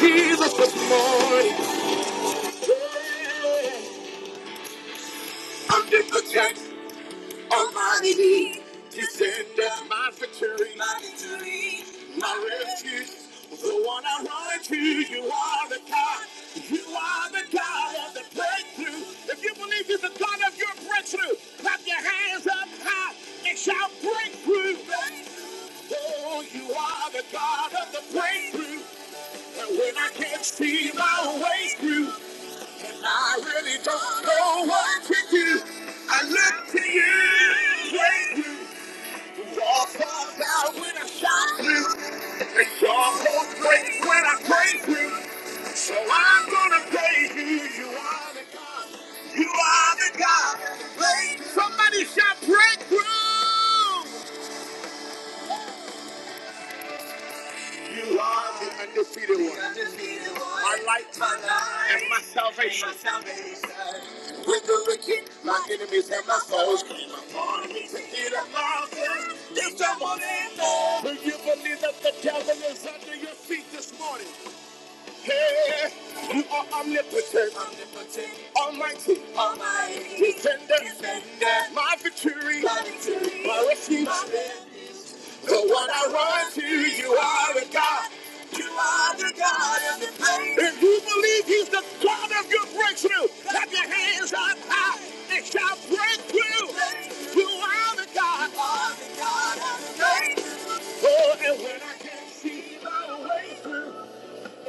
Jesus this morning. Under the attack, Almighty, defender, my victory, my victory, my refuge, the one I run to. You are the God, you are the God of the breakthrough. If you believe He's the God of your breakthrough, clap your hands up high. It shall break through. Oh, you are the God of the breakthrough. And when I can't see my way through. I really don't know what to do. I look to you, praise you. Your heart out when I shout you. It's your heart breaks when I praise you. So I'm gonna praise you. You are the God. You are the God. Praise. Somebody shout breakthrough. You are the undefeated one. My light and my salvation. With the wicked, my enemies and my foes came upon me to eat up mountains. Lift up one hand. Do you believe that the devil is under your feet this morning? Hey, you are omnipotent, almighty, defender, defender. My victory, my refuge. But when I run to you, are the God. You are the God of the pain. If you believe He's the God of your breakthrough, have your hands up high. It shall break through. You are the God. You are the God of the pain. Oh, and when I can't see my way through.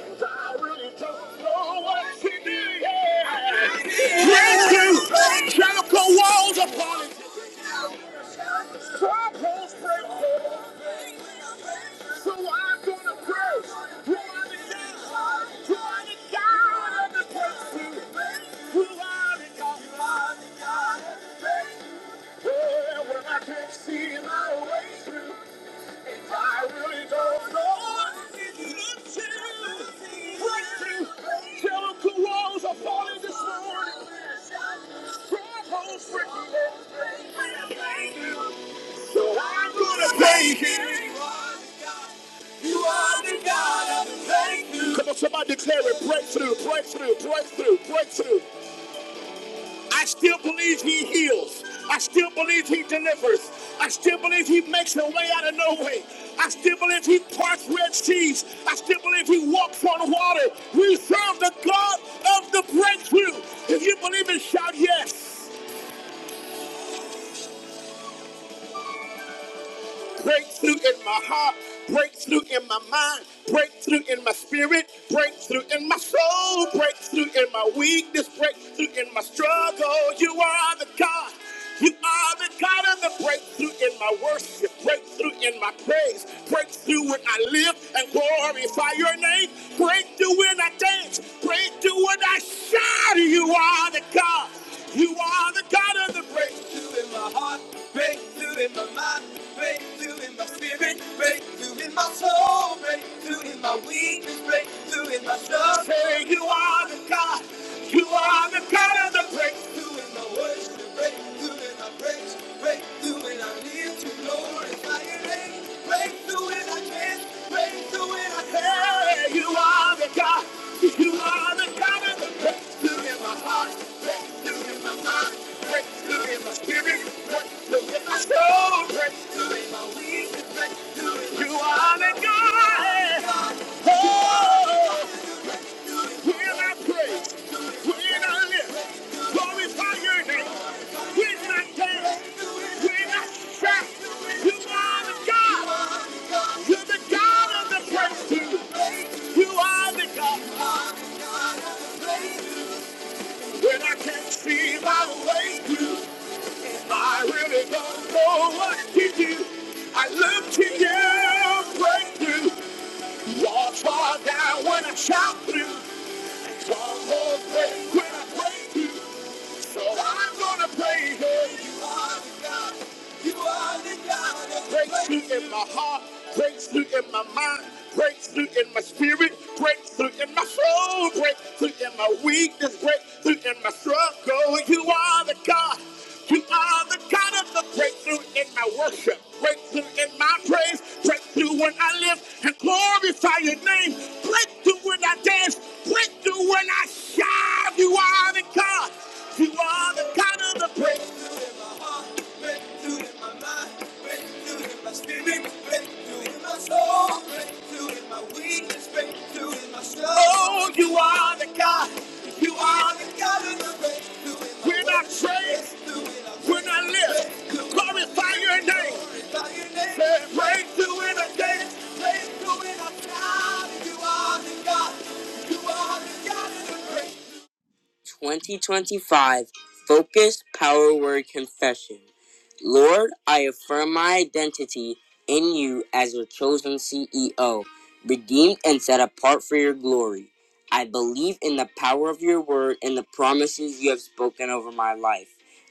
I really don't know what to do. Yeah. Breakthrough. Shout the walls upon it. Strongholds break forth. So I'm gonna pray. Run it down. Run it down. And the breakthrough. Run it down. Run it down. Yeah, when I can't see my way through. I really don't know. Breakthrough. Jericho walls are falling this morning. Strongholds breaking So I'm gonna thank you. You are the God of the breakthrough. Come on, somebody declare it. Breakthrough, breakthrough, breakthrough, breakthrough. I still believe he heals. I still believe he delivers. I still believe he makes a way out of no way. I still believe he parts red seas. I still believe he walks on water. We serve the God of the breakthrough. If you believe it, shout yes. breakthrough in my heart, breakthrough in my mind, breakthrough in my spirit, breakthrough in my soul, breakthrough in my weakness, breakthrough in my struggle. You are the God. You are the God of the breakthrough in my worship, breakthrough in my praise, breakthrough when I live and glorify your name, breakthrough when I dance, breakthrough when I shout. You are the God. You are the God of the breakthrough in my heart. Breakthrough in my mind, breakthrough in my spirit, breakthrough in my soul, breakthrough in my weakness, breakthrough in my soul. Say you are the God, you are the God of the breakthrough in my worship, breakthrough in my praise, breakthrough in our live to glorify your name, breakthrough in our hands, breakthrough in our hair. You are the God, you are the God of the breakthrough in my heart, breakthrough in my mind, breakthrough in my spirit. You are the God. When I can't see my way through I really don't know what to do. I look to you, breakthrough. Walls fall down when I shout through. God loves me when I praise you. So I'm gonna praise you. You are the God. You are the God. Breakthrough in my heart, breakthrough in my mind, breakthrough in my spirit, breakthrough in my soul, breakthrough in my weakness, breakthrough in my struggle. You are the God. You are the God of the breakthrough in my worship, breakthrough in my praise, breakthrough when I live and glorify your name, breakthrough when I dance. There's breakthrough when I shout. You are the God. You are the God of the breakthrough in my heart, breakthrough in my mind, breakthrough in my spirit, breakthrough in my soul, breakthrough in my weakness, breakthrough in my struggle. Oh, you are the God. You are the God of the breakthrough. in my We're not saved. We're not live. Glorify your name. Say breakthrough in a day. Praise to when I'm down. You are the God. You are the God of the great. 2025 Focus Power Word Confession. Lord, I affirm my identity in you as your chosen CEO, redeemed and set apart for your glory. I believe in the power of your word and the promises you have spoken over my life.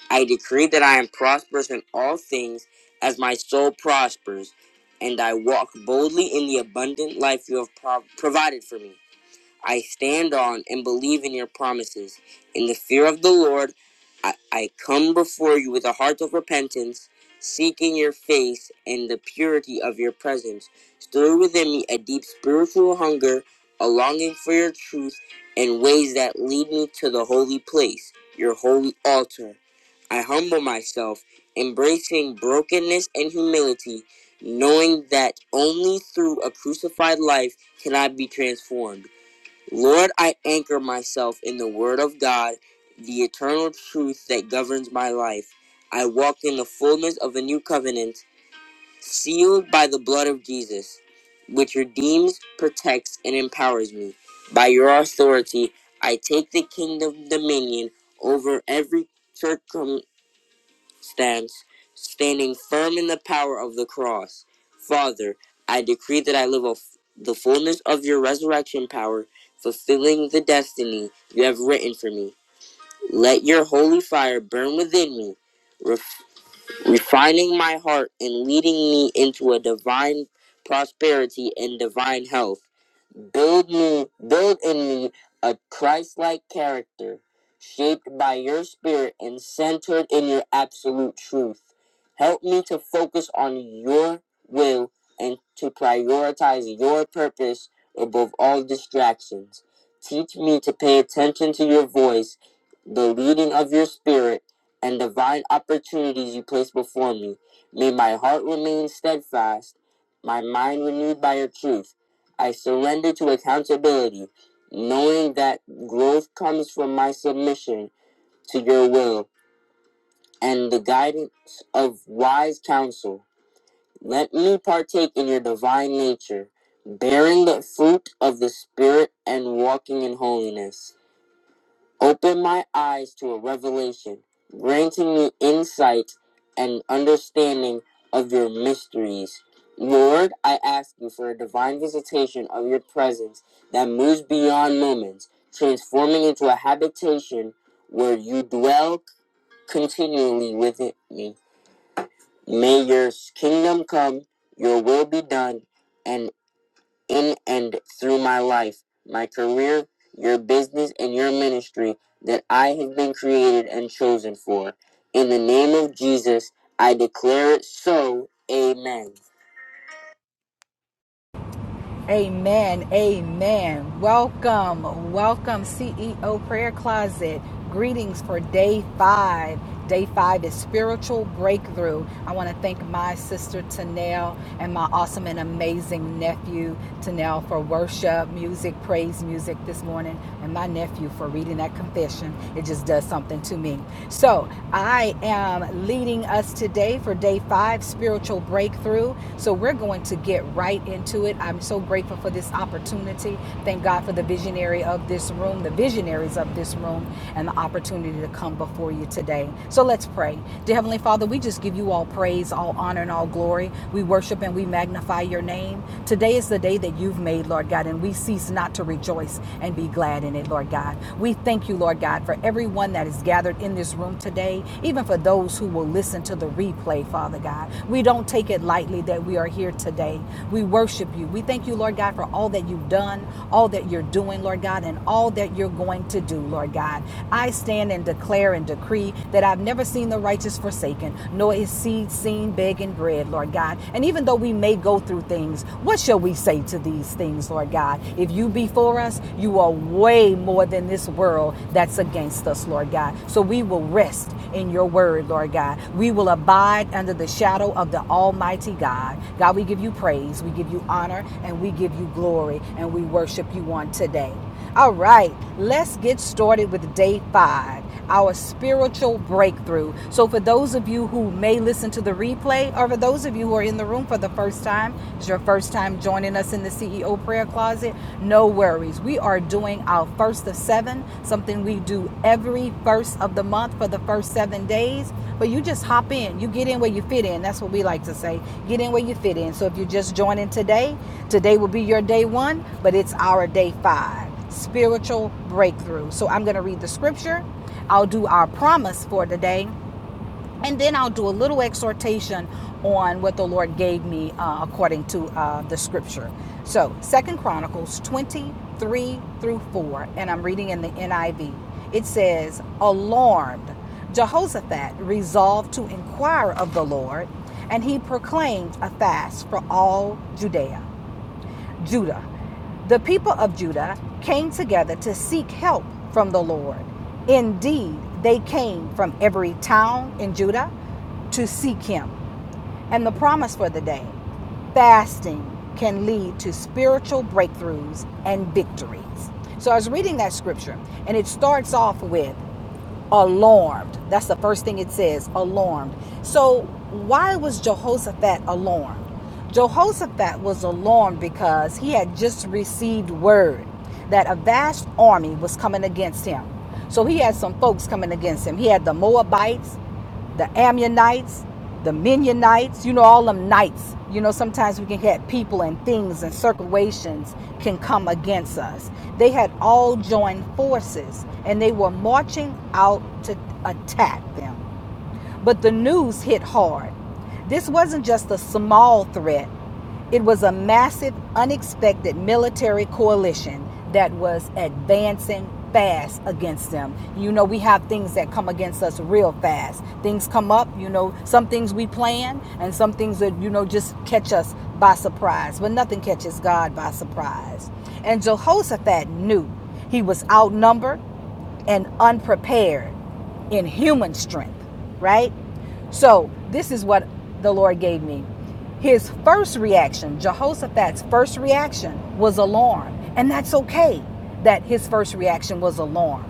I decree that I am prosperous in all things as my soul prospers, and I walk boldly in the abundant life you have prov- provided for me. I stand on and believe in your promises. In the fear of the Lord, I, I come before you with a heart of repentance, seeking your face and the purity of your presence. Stir within me a deep spiritual hunger, a longing for your truth, and ways that lead me to the holy place, your holy altar. I humble myself, embracing brokenness and humility, knowing that only through a crucified life can I be transformed. Lord, I anchor myself in the Word of God, the eternal truth that governs my life. I walk in the fullness of the new covenant, sealed by the blood of Jesus, which redeems, protects, and empowers me. By your authority, I take the kingdom dominion over every circum stance, standing firm in the power of the cross. Father, I decree that I live of the fullness of your resurrection power, fulfilling the destiny you have written for me. Let your holy fire burn within me, ref- refining my heart and leading me into a divine prosperity and divine health. Build me, build in me a Christ-like character, shaped by your spirit and centered in your absolute truth. Help me to focus on your will and to prioritize your purpose above all distractions. Teach me to pay attention to your voice, the leading of your spirit, and divine opportunities you place before me. May my heart remain steadfast, my mind renewed by your truth I surrender to accountability, knowing that growth comes from my submission to your will and the guidance of wise counsel. Let me partake in your divine nature, bearing the fruit of the Spirit and walking in holiness. Open my eyes to a revelation, granting me insight and understanding of your mysteries. Lord, I ask you for a divine visitation of your presence that moves beyond moments, transforming into a habitation where you dwell continually within me. May your kingdom come, your will be done, and in and through my life, my career, your business, and your ministry that I have been created and chosen for. In the name of Jesus, I declare it so. Amen. Amen. Amen. Welcome. Welcome, CEO Prayer Closet. Greetings for day five. Day five is spiritual breakthrough. I want to thank my sister Tanel and my awesome and amazing nephew Tanel for worship, music, praise music this morning, and my nephew for reading that confession. It just does something to me. So I am leading us today for day five five spiritual breakthrough. So we're going to get right into it. I'm so grateful for this opportunity. Thank God for the visionary of this room, the visionaries of this room, and the opportunity to come before you today. So let's pray. Dear Heavenly Father, we just give you all praise, all honor, and all glory. We worship and we magnify your name. Today is the day that you've made, Lord God, and we cease not to rejoice and be glad in it, Lord God. We thank you, Lord God, for everyone that is is gathered in this room today, even for those who will listen to the replay, Father God. We don't take it lightly that we are here today. We worship you. We thank you, Lord God, for all that you've done, all that you're doing, Lord God, and all that you're going to do, Lord God. I stand and declare and decree that I've never seen the righteous forsaken, nor is seed seen begging bread, Lord God. And even though we may go through things, what shall we say to these things, Lord God? If you be be for us, you are way more than this world that's against us, Lord God. So we will rest in your word, Lord God. We will abide under the shadow of the Almighty God. God, we give you praise, we give you honor, and we give you glory, and we worship you on today. All right, let's get started with day five, our spiritual breakthrough. So, for those of you who may listen to the replay, or for those of you who are in the room for the first time, it's your first time joining us in the CEO prayer closet, no worries. We are doing our first of seven, something we do every first of the month for the first seven days. But you just hop in, you get in where you fit in. That's what we like to say get in where you fit in. So, if you're just joining today, today will be your day one, but it's our day five spiritual breakthrough. So I'm going to read the scripture. I'll do our promise for today, and then I'll do a little exhortation on what the Lord gave me uh, according to uh, the scripture. So Second Chronicles 23 through 4, and I'm reading in the NIV. It says, Alarmed, Jehoshaphat resolved to inquire of the Lord, and he proclaimed a fast for all Judea. Judah. The people of Judah came together to seek help from the Lord. Indeed, they came from every town in Judah to seek him. And the promise for the day fasting can lead to spiritual breakthroughs and victories. So I was reading that scripture, and it starts off with alarmed. That's the first thing it says, alarmed. So, why was Jehoshaphat alarmed? Jehoshaphat was alarmed because he had just received word that a vast army was coming against him. So, he had some folks coming against him. He had the Moabites, the Ammonites, the Mennonites, you know, all them knights. You know, sometimes we can get people and things and circulations can come against us. They had all joined forces and they were marching out to attack them. But the news hit hard. This wasn't just a small threat, it was a massive, unexpected military coalition that was advancing fast against them. You know, we have things that come against us real fast. Things come up, you know, some things we plan and some things that, you know, just catch us by surprise. But nothing catches God by surprise. And Jehoshaphat knew he was outnumbered, and unprepared in human strength, right? So, this is what the Lord gave me. His first reaction, Jehoshaphat's first reaction, was alarm. And that's okay that his first reaction was alarm,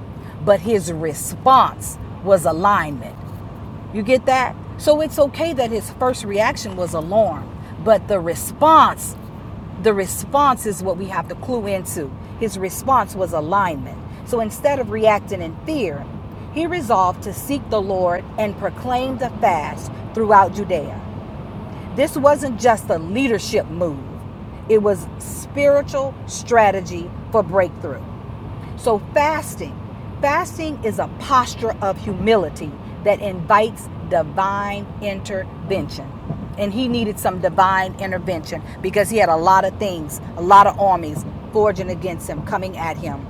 but his response was alignment. You get that? So it's okay that his first reaction was alarm, but the response, the response is what we have to clue into. His response was alignment. So instead of reacting in fear, he resolved to seek the Lord and proclaim the fast throughout Judea. This wasn't just a leadership move, it was spiritual strategy for breakthrough. So, fasting, fasting is a posture of humility that invites divine intervention. And he needed some divine intervention because he had a lot of things, a lot of armies forging against him, coming at him.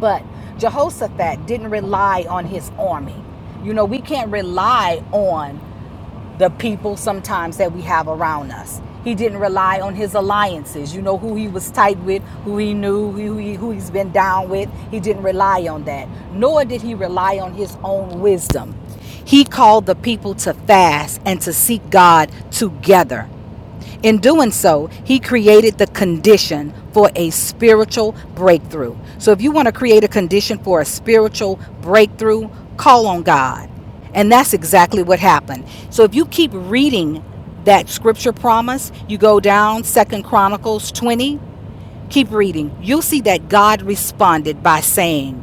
But Jehoshaphat didn't rely on his army. You know, we can't rely on the people sometimes that we have around us. He didn't rely on his alliances. You know who he was tight with, who he knew, who, he, who he's been down with. He didn't rely on that. Nor did he rely on his own wisdom. He called the people to fast and to seek God together. In doing so, he created the condition for a spiritual breakthrough. So, if you want to create a condition for a spiritual breakthrough, call on God. And that's exactly what happened. So, if you keep reading that scripture promise, you go down 2nd Chronicles 20, keep reading. You'll see that God responded by saying,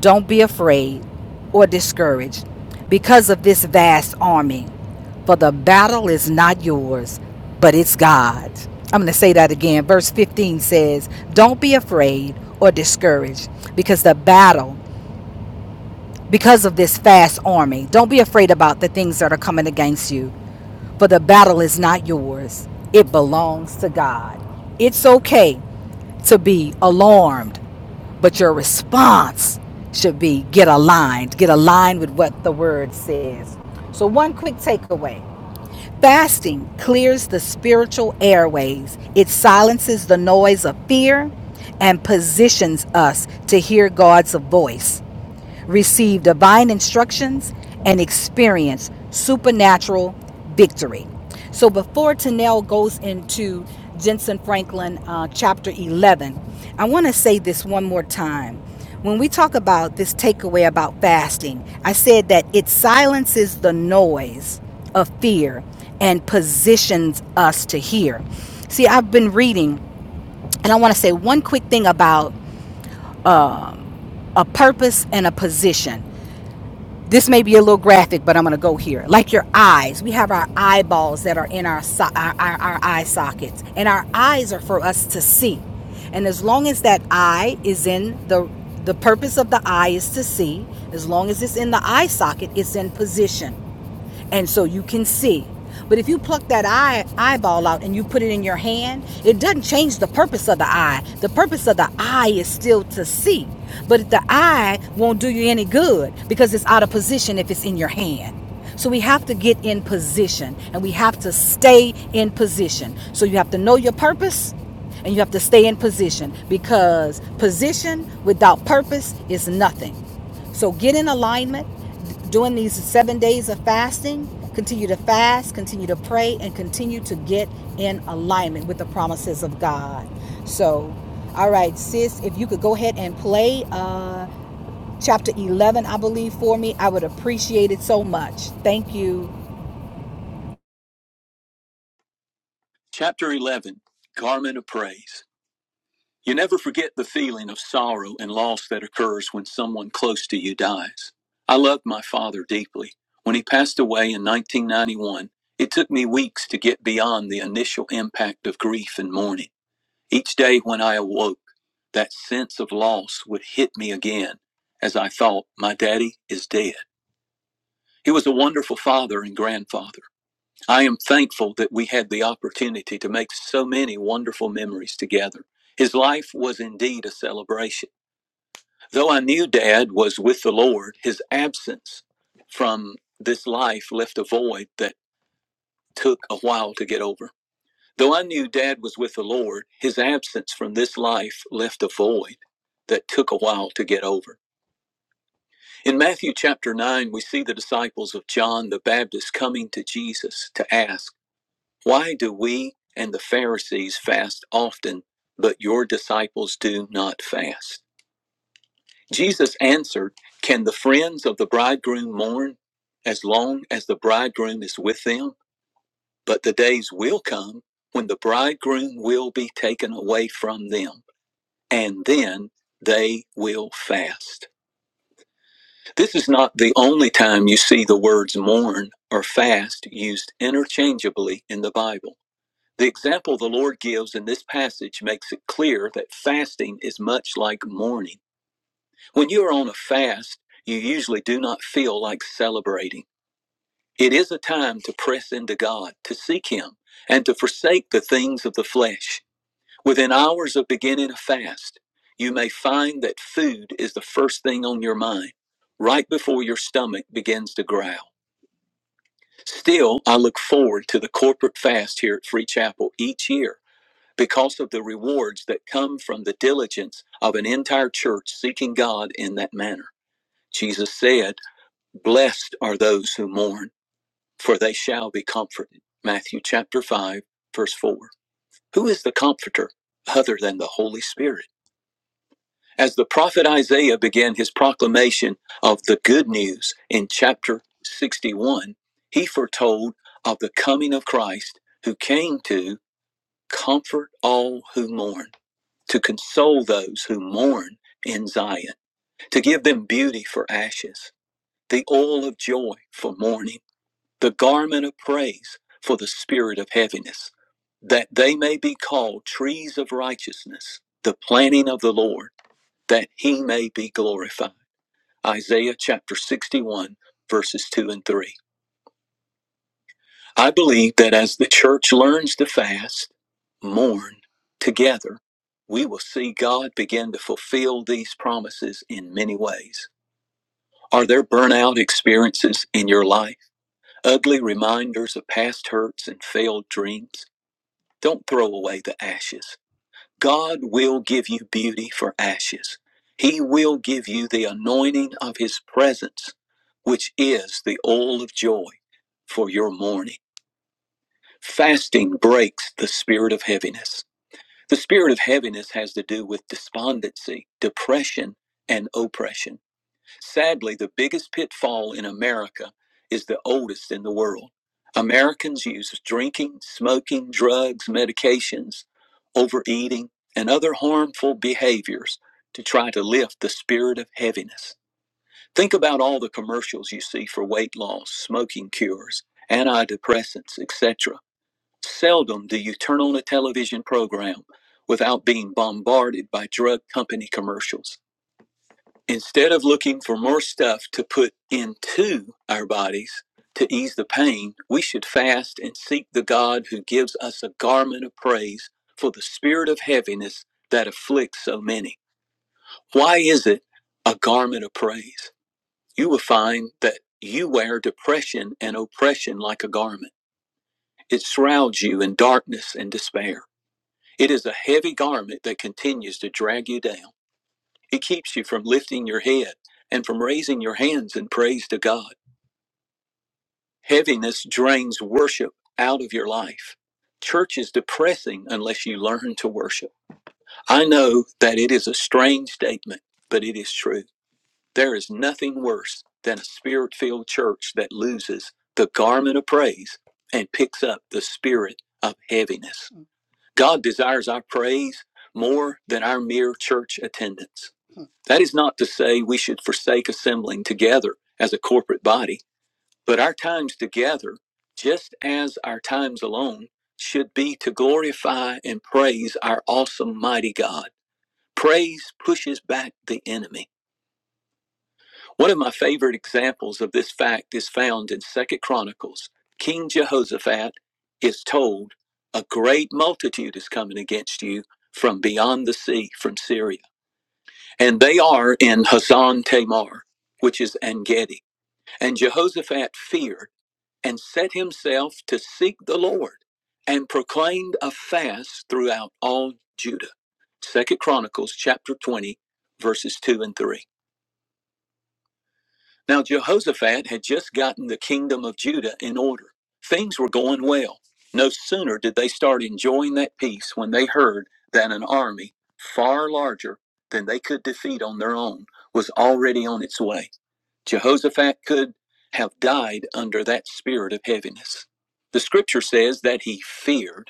don't be afraid or discouraged because of this vast army, for the battle is not yours, but it's God's. I'm going to say that again. Verse 15 says, Don't be afraid or discouraged because the battle, because of this vast army, don't be afraid about the things that are coming against you, for the battle is not yours. It belongs to God. It's okay to be alarmed but your response should be get aligned, get aligned with what the word says. So, one quick takeaway fasting clears the spiritual airways, it silences the noise of fear and positions us to hear God's voice receive divine instructions, and experience supernatural victory. So before Tanel goes into Jensen Franklin uh, chapter 11, I want to say this one more time. When we talk about this takeaway about fasting, I said that it silences the noise of fear and positions us to hear. See, I've been reading, and I want to say one quick thing about a purpose and a position. this may be a little graphic, but I'm going to go here. Like your eyes, we have our eyeballs that are in our, so- our, our, our eye sockets, and our eyes are for us to see. And as long as that eye is in the the purpose of the eye is to see, as long as it's in the eye socket, it's in position and so you can see. But if you pluck that eye eyeball out and you put it in your hand, it doesn't change the purpose of the eye. The purpose of the eye is still to see. But the eye won't do you any good because it's out of position if it's in your hand. So we have to get in position and we have to stay in position. So you have to know your purpose and you have to stay in position because position without purpose is nothing. So get in alignment Doing these seven days of fasting, continue to fast, continue to pray, and continue to get in alignment with the promises of God. So, all right, sis, if you could go ahead and play uh, chapter 11, I believe, for me, I would appreciate it so much. Thank you. Chapter 11 Garment of Praise. You never forget the feeling of sorrow and loss that occurs when someone close to you dies. I loved my father deeply. When he passed away in 1991, it took me weeks to get beyond the initial impact of grief and mourning. Each day when I awoke, that sense of loss would hit me again as I thought, my daddy is dead. He was a wonderful father and grandfather. I am thankful that we had the opportunity to make so many wonderful memories together. His life was indeed a celebration. Though I knew dad was with the Lord, his absence from this life left a void that took a while to get over. Though I knew Dad was with the Lord, his absence from this life left a void that took a while to get over. In Matthew chapter 9, we see the disciples of John the Baptist coming to Jesus to ask, Why do we and the Pharisees fast often, but your disciples do not fast? Jesus answered, Can the friends of the bridegroom mourn as long as the bridegroom is with them? But the days will come when the bridegroom will be taken away from them and then they will fast. This is not the only time you see the words mourn or fast used interchangeably in the Bible. The example the Lord gives in this passage makes it clear that fasting is much like mourning. When you are on a fast, you usually do not feel like celebrating. It is a time to press into God, to seek Him, and to forsake the things of the flesh. Within hours of beginning a fast, you may find that food is the first thing on your mind, right before your stomach begins to growl. Still, I look forward to the corporate fast here at Free Chapel each year because of the rewards that come from the diligence of an entire church seeking God in that manner. Jesus said, Blessed are those who mourn, for they shall be comforted. Matthew chapter 5, verse 4. Who is the comforter other than the Holy Spirit? As the prophet Isaiah began his proclamation of the good news in chapter 61, he foretold of the coming of Christ who came to comfort all who mourn, to console those who mourn in Zion, to give them beauty for ashes, the oil of joy for mourning, the garment of praise for the spirit of heaviness, that they may be called trees of righteousness, the planting of the Lord that he may be glorified. Isaiah chapter 61, verses 2 and 3. I believe that as the church learns to fast, mourn together, we will see God begin to fulfill these promises in many ways. Are there burnout experiences in your life? Ugly reminders of past hurts and failed dreams? Don't throw away the ashes. God will give you beauty for ashes. He will give you the anointing of His presence, which is the oil of joy for your mourning. Fasting breaks the spirit of heaviness. The spirit of heaviness has to do with despondency, depression, and oppression. Sadly, the biggest pitfall in America is the oldest in the world. Americans use drinking, smoking, drugs, medications, overeating, and other harmful behaviors to try to lift the spirit of heaviness. Think about all the commercials you see for weight loss, smoking cures, antidepressants, etc. Seldom do you turn on a television program without being bombarded by drug company commercials. Instead of looking for more stuff to put into our bodies to ease the pain, we should fast and seek the God who gives us a garment of praise for the spirit of heaviness that afflicts so many. Why is it a garment of praise? You will find that you wear depression and oppression like a garment. It shrouds you in darkness and despair. It is a heavy garment that continues to drag you down. It keeps you from lifting your head and from raising your hands in praise to God. Heaviness drains worship out of your life. Church is depressing unless you learn to worship. I know that it is a strange statement, but it is true. There is nothing worse than a spirit filled church that loses the garment of praise and picks up the spirit of heaviness. God desires our praise more than our mere church attendance. That is not to say we should forsake assembling together as a corporate body, but our times together, just as our times alone, should be to glorify and praise our awesome, mighty God. Praise pushes back the enemy. One of my favorite examples of this fact is found in Second Chronicles. King Jehoshaphat is told, A great multitude is coming against you from beyond the sea, from Syria. And they are in Hazan Tamar, which is En Gedi. And Jehoshaphat feared and set himself to seek the Lord and proclaimed a fast throughout all Judah. Second Chronicles chapter 20, verses 2 and 3. Now, Jehoshaphat had just gotten the kingdom of Judah in order. Things were going well. No sooner did they start enjoying that peace when they heard that an army far larger than they could defeat on their own was already on its way. Jehoshaphat could have died under that spirit of heaviness. The scripture says that he feared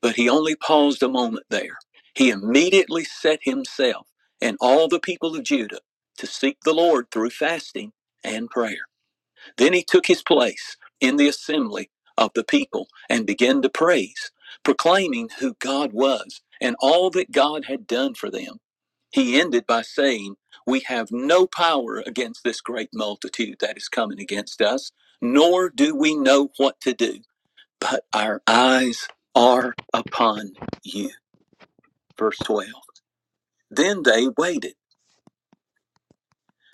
but he only paused a moment there. He immediately set himself and all the people of Judah to seek the Lord through fasting and prayer. Then he took his place in the assembly of the people and began to praise, proclaiming who God was and all that God had done for them. He ended by saying, We have no power against this great multitude that is coming against us, nor do we know what to do but our eyes are upon you. Verse 12. Then they waited.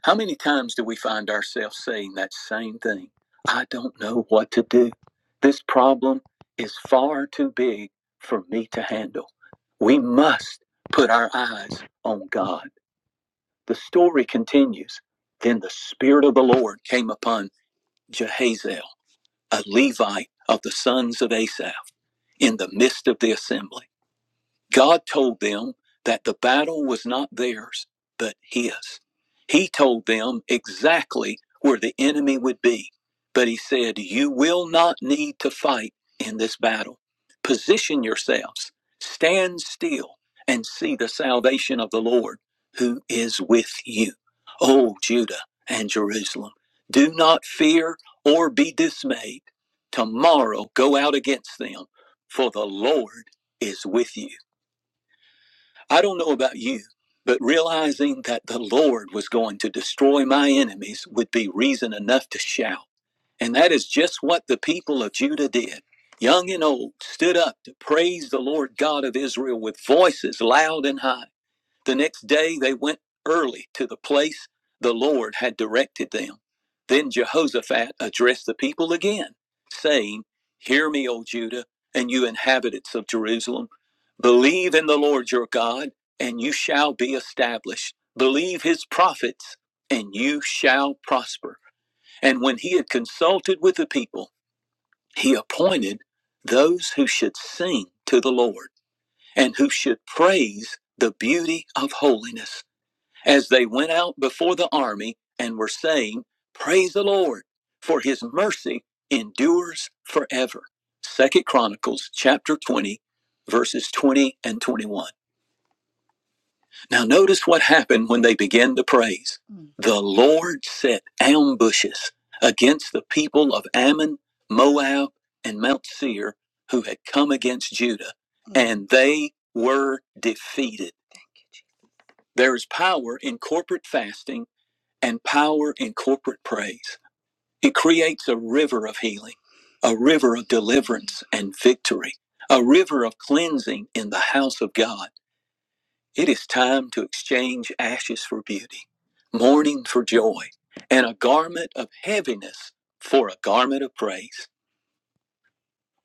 How many times do we find ourselves saying that same thing? I don't know what to do. This problem is far too big for me to handle. We must put our eyes on God. The story continues. Then the Spirit of the Lord came upon Jehaziel, a Levite of the sons of Asaph, in the midst of the assembly. God told them that the battle was not theirs, but his. He told them exactly where the enemy would be, but he said, You will not need to fight in this battle. Position yourselves, stand still, and see the salvation of the Lord who is with you. O Judah and Jerusalem, do not fear or be dismayed. Tomorrow go out against them, for the Lord is with you. I don't know about you, but realizing that the Lord was going to destroy my enemies would be reason enough to shout. And that is just what the people of Judah did. Young and old stood up to praise the Lord God of Israel with voices loud and high. The next day they went early to the place the Lord had directed them. Then Jehoshaphat addressed the people again, saying, Hear me, O Judah, and you inhabitants of Jerusalem. Believe in the Lord your God, and you shall be established. Believe his prophets, and you shall prosper. And when he had consulted with the people, he appointed those who should sing to the Lord and who should praise the beauty of holiness as they went out before the army and were saying, Praise the Lord, for his mercy endures forever. Second Chronicles chapter 20, verses 20 and 21. Now notice what happened when they began to praise. Mm. The Lord set ambushes against the people of Ammon, Moab, and Mount Seir who had come against Judah, Mm. and they were defeated. There is power in corporate fasting and power in corporate praise. It creates a river of healing, a river of deliverance and victory, a river of cleansing in the house of God. It is time to exchange ashes for beauty, mourning for joy, and a garment of heaviness for a garment of praise.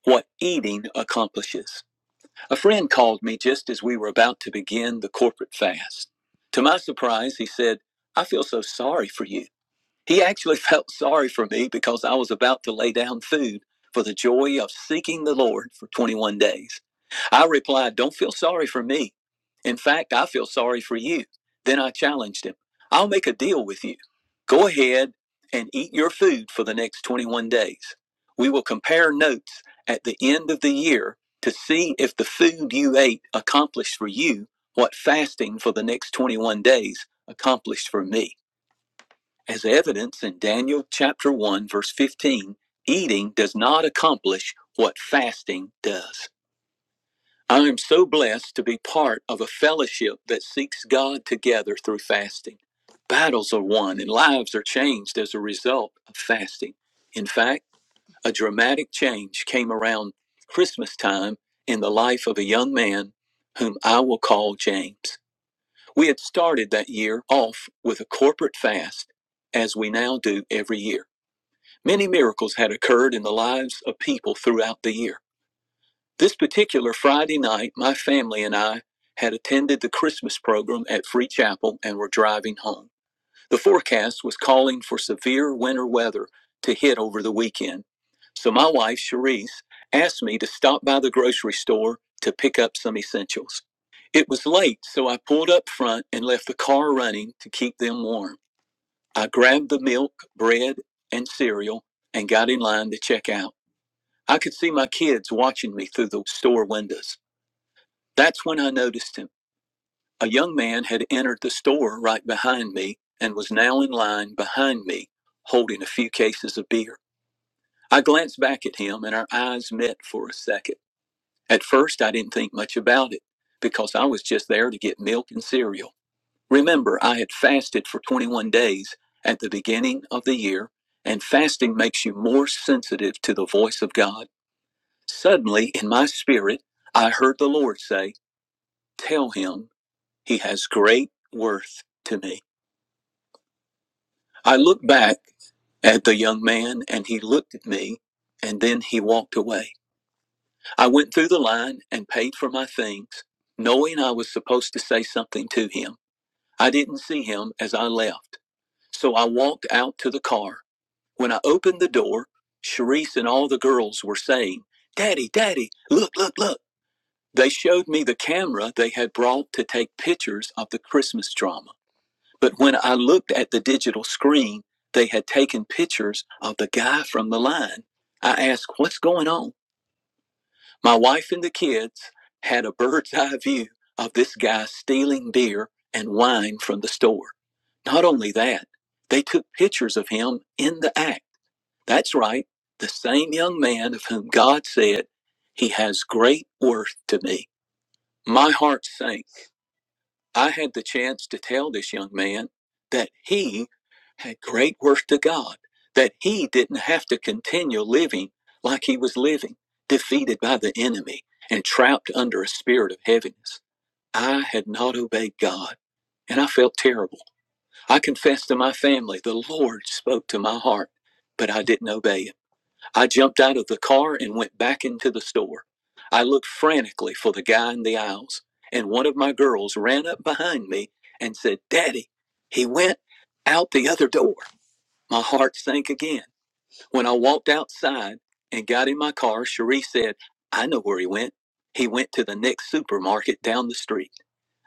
What eating accomplishes. A friend called me just as we were about to begin the corporate fast. To my surprise, he said, I feel so sorry for you. He actually felt sorry for me because I was about to lay down food for the joy of seeking the Lord for 21 days. I replied, Don't feel sorry for me. In fact, I feel sorry for you. Then I challenged him, I'll make a deal with you. Go ahead and eat your food for the next 21 days. We will compare notes at the end of the year to see if the food you ate accomplished for you what fasting for the next 21 days accomplished for me. As evidence in Daniel chapter 1, verse 15, eating does not accomplish what fasting does. I am so blessed to be part of a fellowship that seeks God together through fasting. Battles are won and lives are changed as a result of fasting. In fact, a dramatic change came around Christmas time in the life of a young man whom I will call James. We had started that year off with a corporate fast, as we now do every year. Many miracles had occurred in the lives of people throughout the year. This particular Friday night, my family and I had attended the Christmas program at Free Chapel and were driving home. The forecast was calling for severe winter weather to hit over the weekend, so my wife, Cherise, asked me to stop by the grocery store to pick up some essentials. It was late, so I pulled up front and left the car running to keep them warm. I grabbed the milk, bread, and cereal and got in line to check out. I could see my kids watching me through the store windows. That's when I noticed him. A young man had entered the store right behind me and was now in line behind me, holding a few cases of beer. I glanced back at him and our eyes met for a second. At first, I didn't think much about it because I was just there to get milk and cereal. Remember, I had fasted for 21 days at the beginning of the year, and fasting makes you more sensitive to the voice of God. Suddenly, in my spirit, I heard the Lord say, Tell him he has great worth to me. I looked back at the young man, and he looked at me, and then he walked away. I went through the line and paid for my things, knowing I was supposed to say something to him. I didn't see him as I left, so I walked out to the car. When I opened the door, Sharice and all the girls were saying, Daddy, Daddy, look, look, look. They showed me the camera they had brought to take pictures of the Christmas drama. But when I looked at the digital screen, they had taken pictures of the guy from the line. I asked, What's going on? My wife and the kids had a bird's eye view of this guy stealing beer and wine from the store. Not only that, they took pictures of him in the act. That's right, the same young man of whom God said, He has great worth to me. My heart sank. I had the chance to tell this young man that he had great worth to God, that he didn't have to continue living like he was living, defeated by the enemy and trapped under a spirit of heaviness. I had not obeyed God, and I felt terrible. I confessed to my family, the Lord spoke to my heart, but I didn't obey him. I jumped out of the car and went back into the store. I looked frantically for the guy in the aisles, and one of my girls ran up behind me and said, Daddy, he went out the other door. My heart sank again. When I walked outside and got in my car, Cherie said, I know where he went. He went to the next supermarket down the street.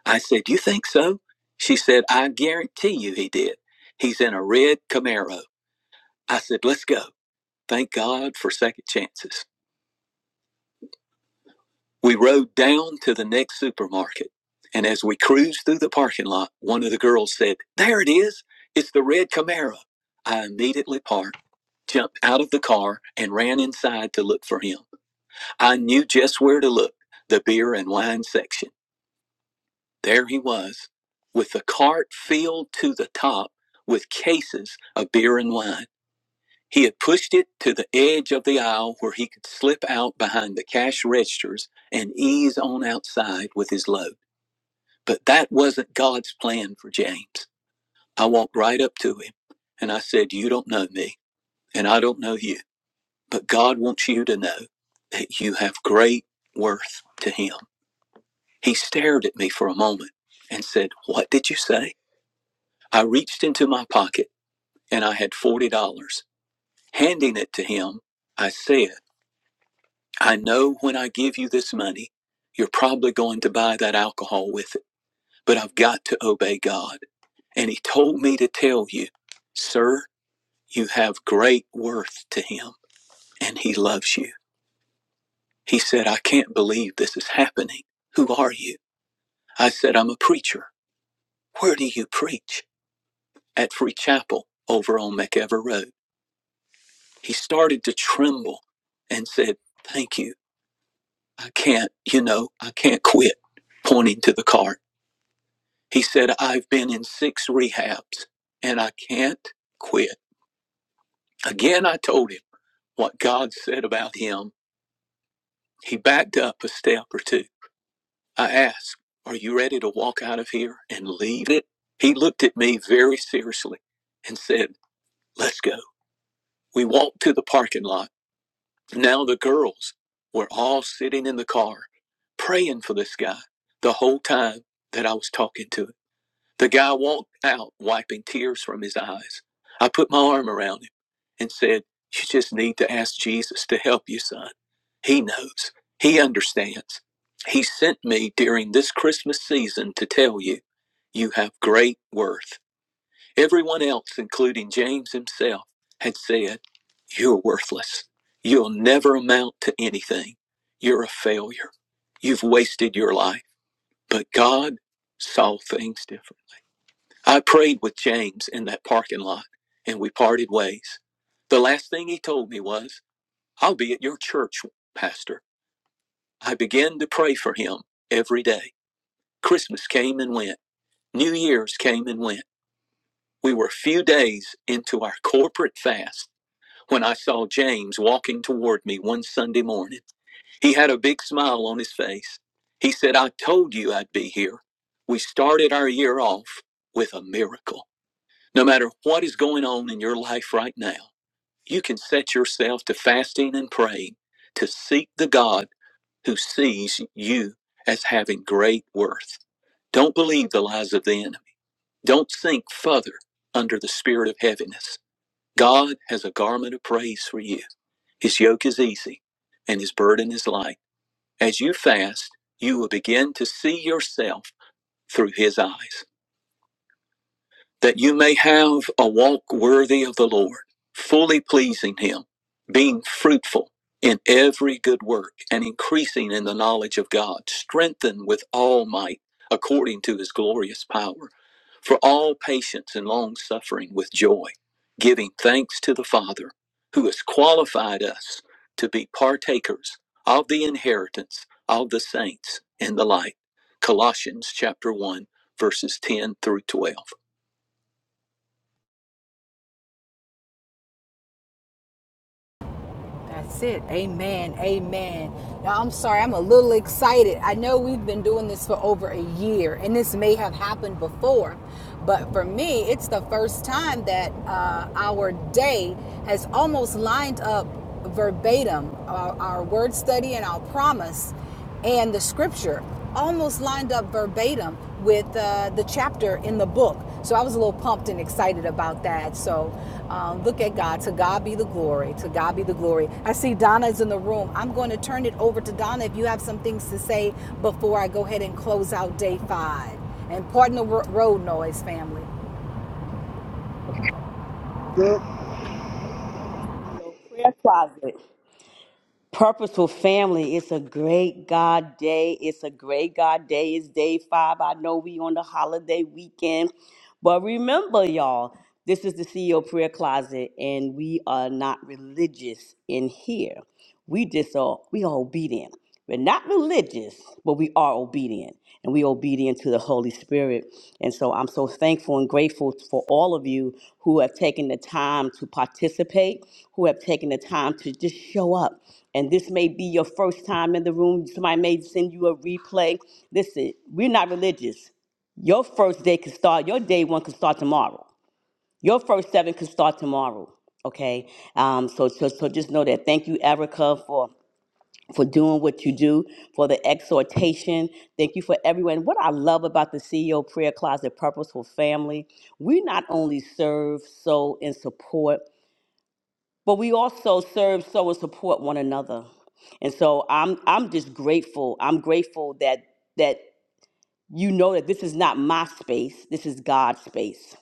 I said, You think so? She said, I guarantee you he did. He's in a red Camaro. I said, Let's go. Thank God for second chances. We rode down to the next supermarket. And as we cruised through the parking lot, one of the girls said, There it is. It's the red Camaro. I immediately parked, jumped out of the car, and ran inside to look for him. I knew just where to look the beer and wine section. There he was, with the cart filled to the top with cases of beer and wine. He had pushed it to the edge of the aisle where he could slip out behind the cash registers and ease on outside with his load. But that wasn't God's plan for James. I walked right up to him and I said, You don't know me and I don't know you, but God wants you to know that you have great worth to Him. He stared at me for a moment and said, What did you say? I reached into my pocket and I had $40. Handing it to him, I said, I know when I give you this money, you're probably going to buy that alcohol with it, but I've got to obey God. And he told me to tell you, sir, you have great worth to him and he loves you. He said, I can't believe this is happening. Who are you? I said, I'm a preacher. Where do you preach? At Free Chapel over on McEver Road. He started to tremble and said, Thank you. I can't, you know, I can't quit, pointing to the cart. He said, I've been in six rehabs and I can't quit. Again, I told him what God said about him. He backed up a step or two. I asked, Are you ready to walk out of here and leave it? He looked at me very seriously and said, Let's go. We walked to the parking lot. Now the girls were all sitting in the car praying for this guy the whole time that I was talking to him. The guy walked out wiping tears from his eyes. I put my arm around him and said, You just need to ask Jesus to help you, son. He knows, He understands. He sent me during this Christmas season to tell you, you have great worth. Everyone else, including James himself, had said, You're worthless. You'll never amount to anything. You're a failure. You've wasted your life. But God saw things different. I prayed with James in that parking lot and we parted ways. The last thing he told me was, I'll be at your church, Pastor. I began to pray for him every day. Christmas came and went, New Year's came and went. We were a few days into our corporate fast when I saw James walking toward me one Sunday morning. He had a big smile on his face. He said, I told you I'd be here. We started our year off with a miracle. No matter what is going on in your life right now, you can set yourself to fasting and praying to seek the God who sees you as having great worth. Don't believe the lies of the enemy. Don't sink further under the spirit of heaviness. God has a garment of praise for you. His yoke is easy and his burden is light. As you fast, you will begin to see yourself through his eyes. that you may have a walk worthy of the Lord, fully pleasing Him, being fruitful in every good work, and increasing in the knowledge of God, strengthened with all might according to His glorious power, for all patience and long suffering with joy, giving thanks to the Father who has qualified us to be partakers of the inheritance of the saints in the light. Colossians chapter 1, verses 10 through 12. That's it. Amen. Amen. Now, I'm sorry, I'm a little excited. I know we've been doing this for over a year, and this may have happened before, but for me, it's the first time that uh, our day has almost lined up verbatim our, our word study and our promise and the scripture almost lined up verbatim with uh, the chapter in the book. So I was a little pumped and excited about that. So um, look at God. To God be the glory. To God be the glory. I see Donna is in the room. I'm going to turn it over to Donna if you have some things to say before I go ahead and close out day five. And pardon the road noise, family. prayer closet. Purposeful family. It's a great God day. It's a great God day. It's day five. I know we on the holiday weekend, but remember, y'all, this is the CEO prayer closet, and we are not religious in here. We just are we are obedient. We're not religious, but we are obedient. And we obedient to the Holy Spirit. And so I'm so thankful and grateful for all of you who have taken the time to participate, who have taken the time to just show up. And this may be your first time in the room. Somebody may send you a replay. Listen, we're not religious. Your first day could start, your day one could start tomorrow. Your first seven could start tomorrow. Okay. Um, so, so so just know that. Thank you, Erica, for for doing what you do, for the exhortation. Thank you for everyone. What I love about the CEO Prayer Closet Purposeful Family, we not only serve, sow, and support, but we also serve, sow, and support one another. And so I'm I'm just grateful. I'm grateful that that you know that this is not my space. This is God's space.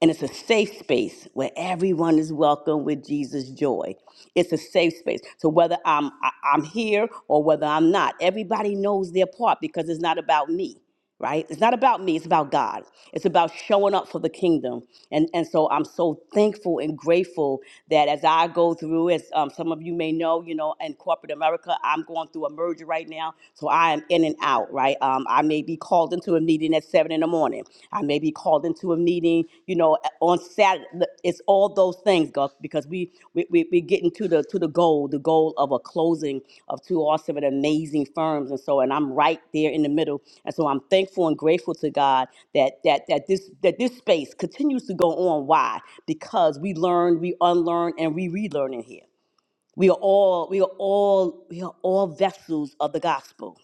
And it's a safe space where everyone is welcome with Jesus' joy. It's a safe space. So whether I'm I- I'm here or whether I'm not, everybody knows their part because it's not about me right? It's not about me, it's about God. It's about showing up for the kingdom. And and so I'm so thankful and grateful that as I go through, as um, some of you may know, you know, in corporate America, I'm going through a merger right now. So I am in and out, right? Um, I may be called into a meeting at seven in the morning. I may be called into a meeting, you know, on Saturday. It's all those things, Gus, because we we we we getting to the to the goal, the goal of a closing of two awesome and amazing firms, and so and I'm right there in the middle, and so I'm thankful and grateful to God that that that this that this space continues to go on. Why? Because we learn, we unlearn, and we relearn in here. We are all we are all we are all vessels of the gospel.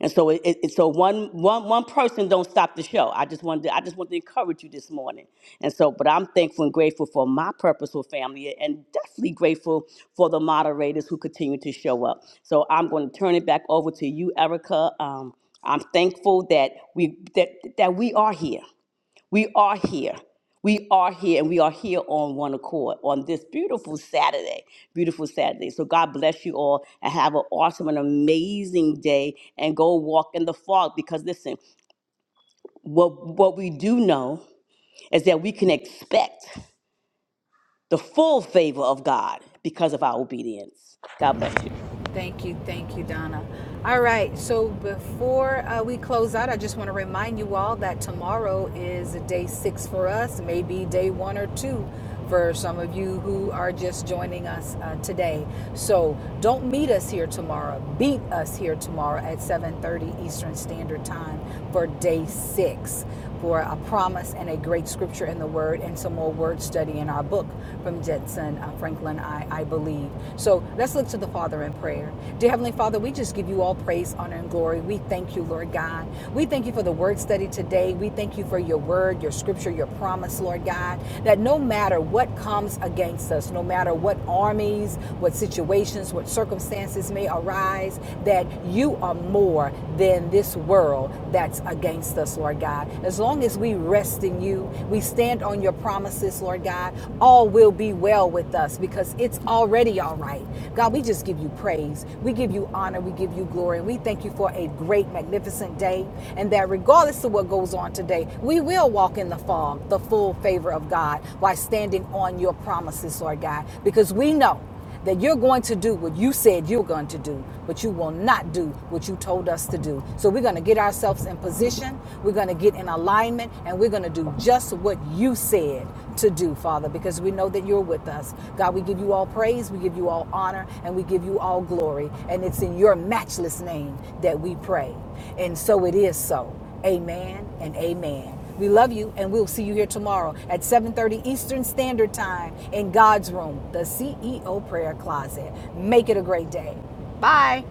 And so it, it so one one one person don't stop the show. I just wanted to, I just want to encourage you this morning. And so, but I'm thankful and grateful for my purposeful family, and definitely grateful for the moderators who continue to show up. So I'm going to turn it back over to you, Erica. Um, I'm thankful that we that that we are here. We are here. We are here and we are here on one accord on this beautiful Saturday. Beautiful Saturday. So God bless you all and have an awesome and amazing day and go walk in the fog because listen, what what we do know is that we can expect the full favor of God because of our obedience. God bless you. Thank you, thank you, Donna. All right, so before uh, we close out, I just want to remind you all that tomorrow is day six for us, maybe day one or two for some of you who are just joining us uh, today. So don't meet us here tomorrow. Beat us here tomorrow at 7:30 Eastern Standard Time for day six for a promise and a great scripture in the Word and some more word study in our book from Jetson uh, Franklin, I, I believe. So let's look to the Father in prayer. Dear Heavenly Father, we just give you all praise, honor, and glory. We thank you, Lord God. We thank you for the word study today. We thank you for your word, your scripture, your promise, Lord God, that no matter what comes against us, no matter what armies, what situations, what circumstances may arise, that you are more than this world, all that's against us, Lord God. As long as we rest in you, we stand on your promises, Lord God, all will be well with us because it's already all right. God, we just give you praise. We give you honor. We give you glory. And we thank you for a great, magnificent day. And that regardless of what goes on today, we will walk in the fog, the full favor of God, while standing on your promises, Lord God, because we know that you're going to do what you said you're going to do, but you will not do what you told us to do. So we're going to get ourselves in position, we're going to get in alignment, and we're going to do just what you said to do, Father, because we know that you're with us. God, we give you all praise, we give you all honor, and we give you all glory. And it's in your matchless name that we pray. And so it is so. Amen and amen. We love you and we'll see you here tomorrow at 7:30 Eastern Standard Time in God's room, the CEO prayer closet. Make it a great day. Bye.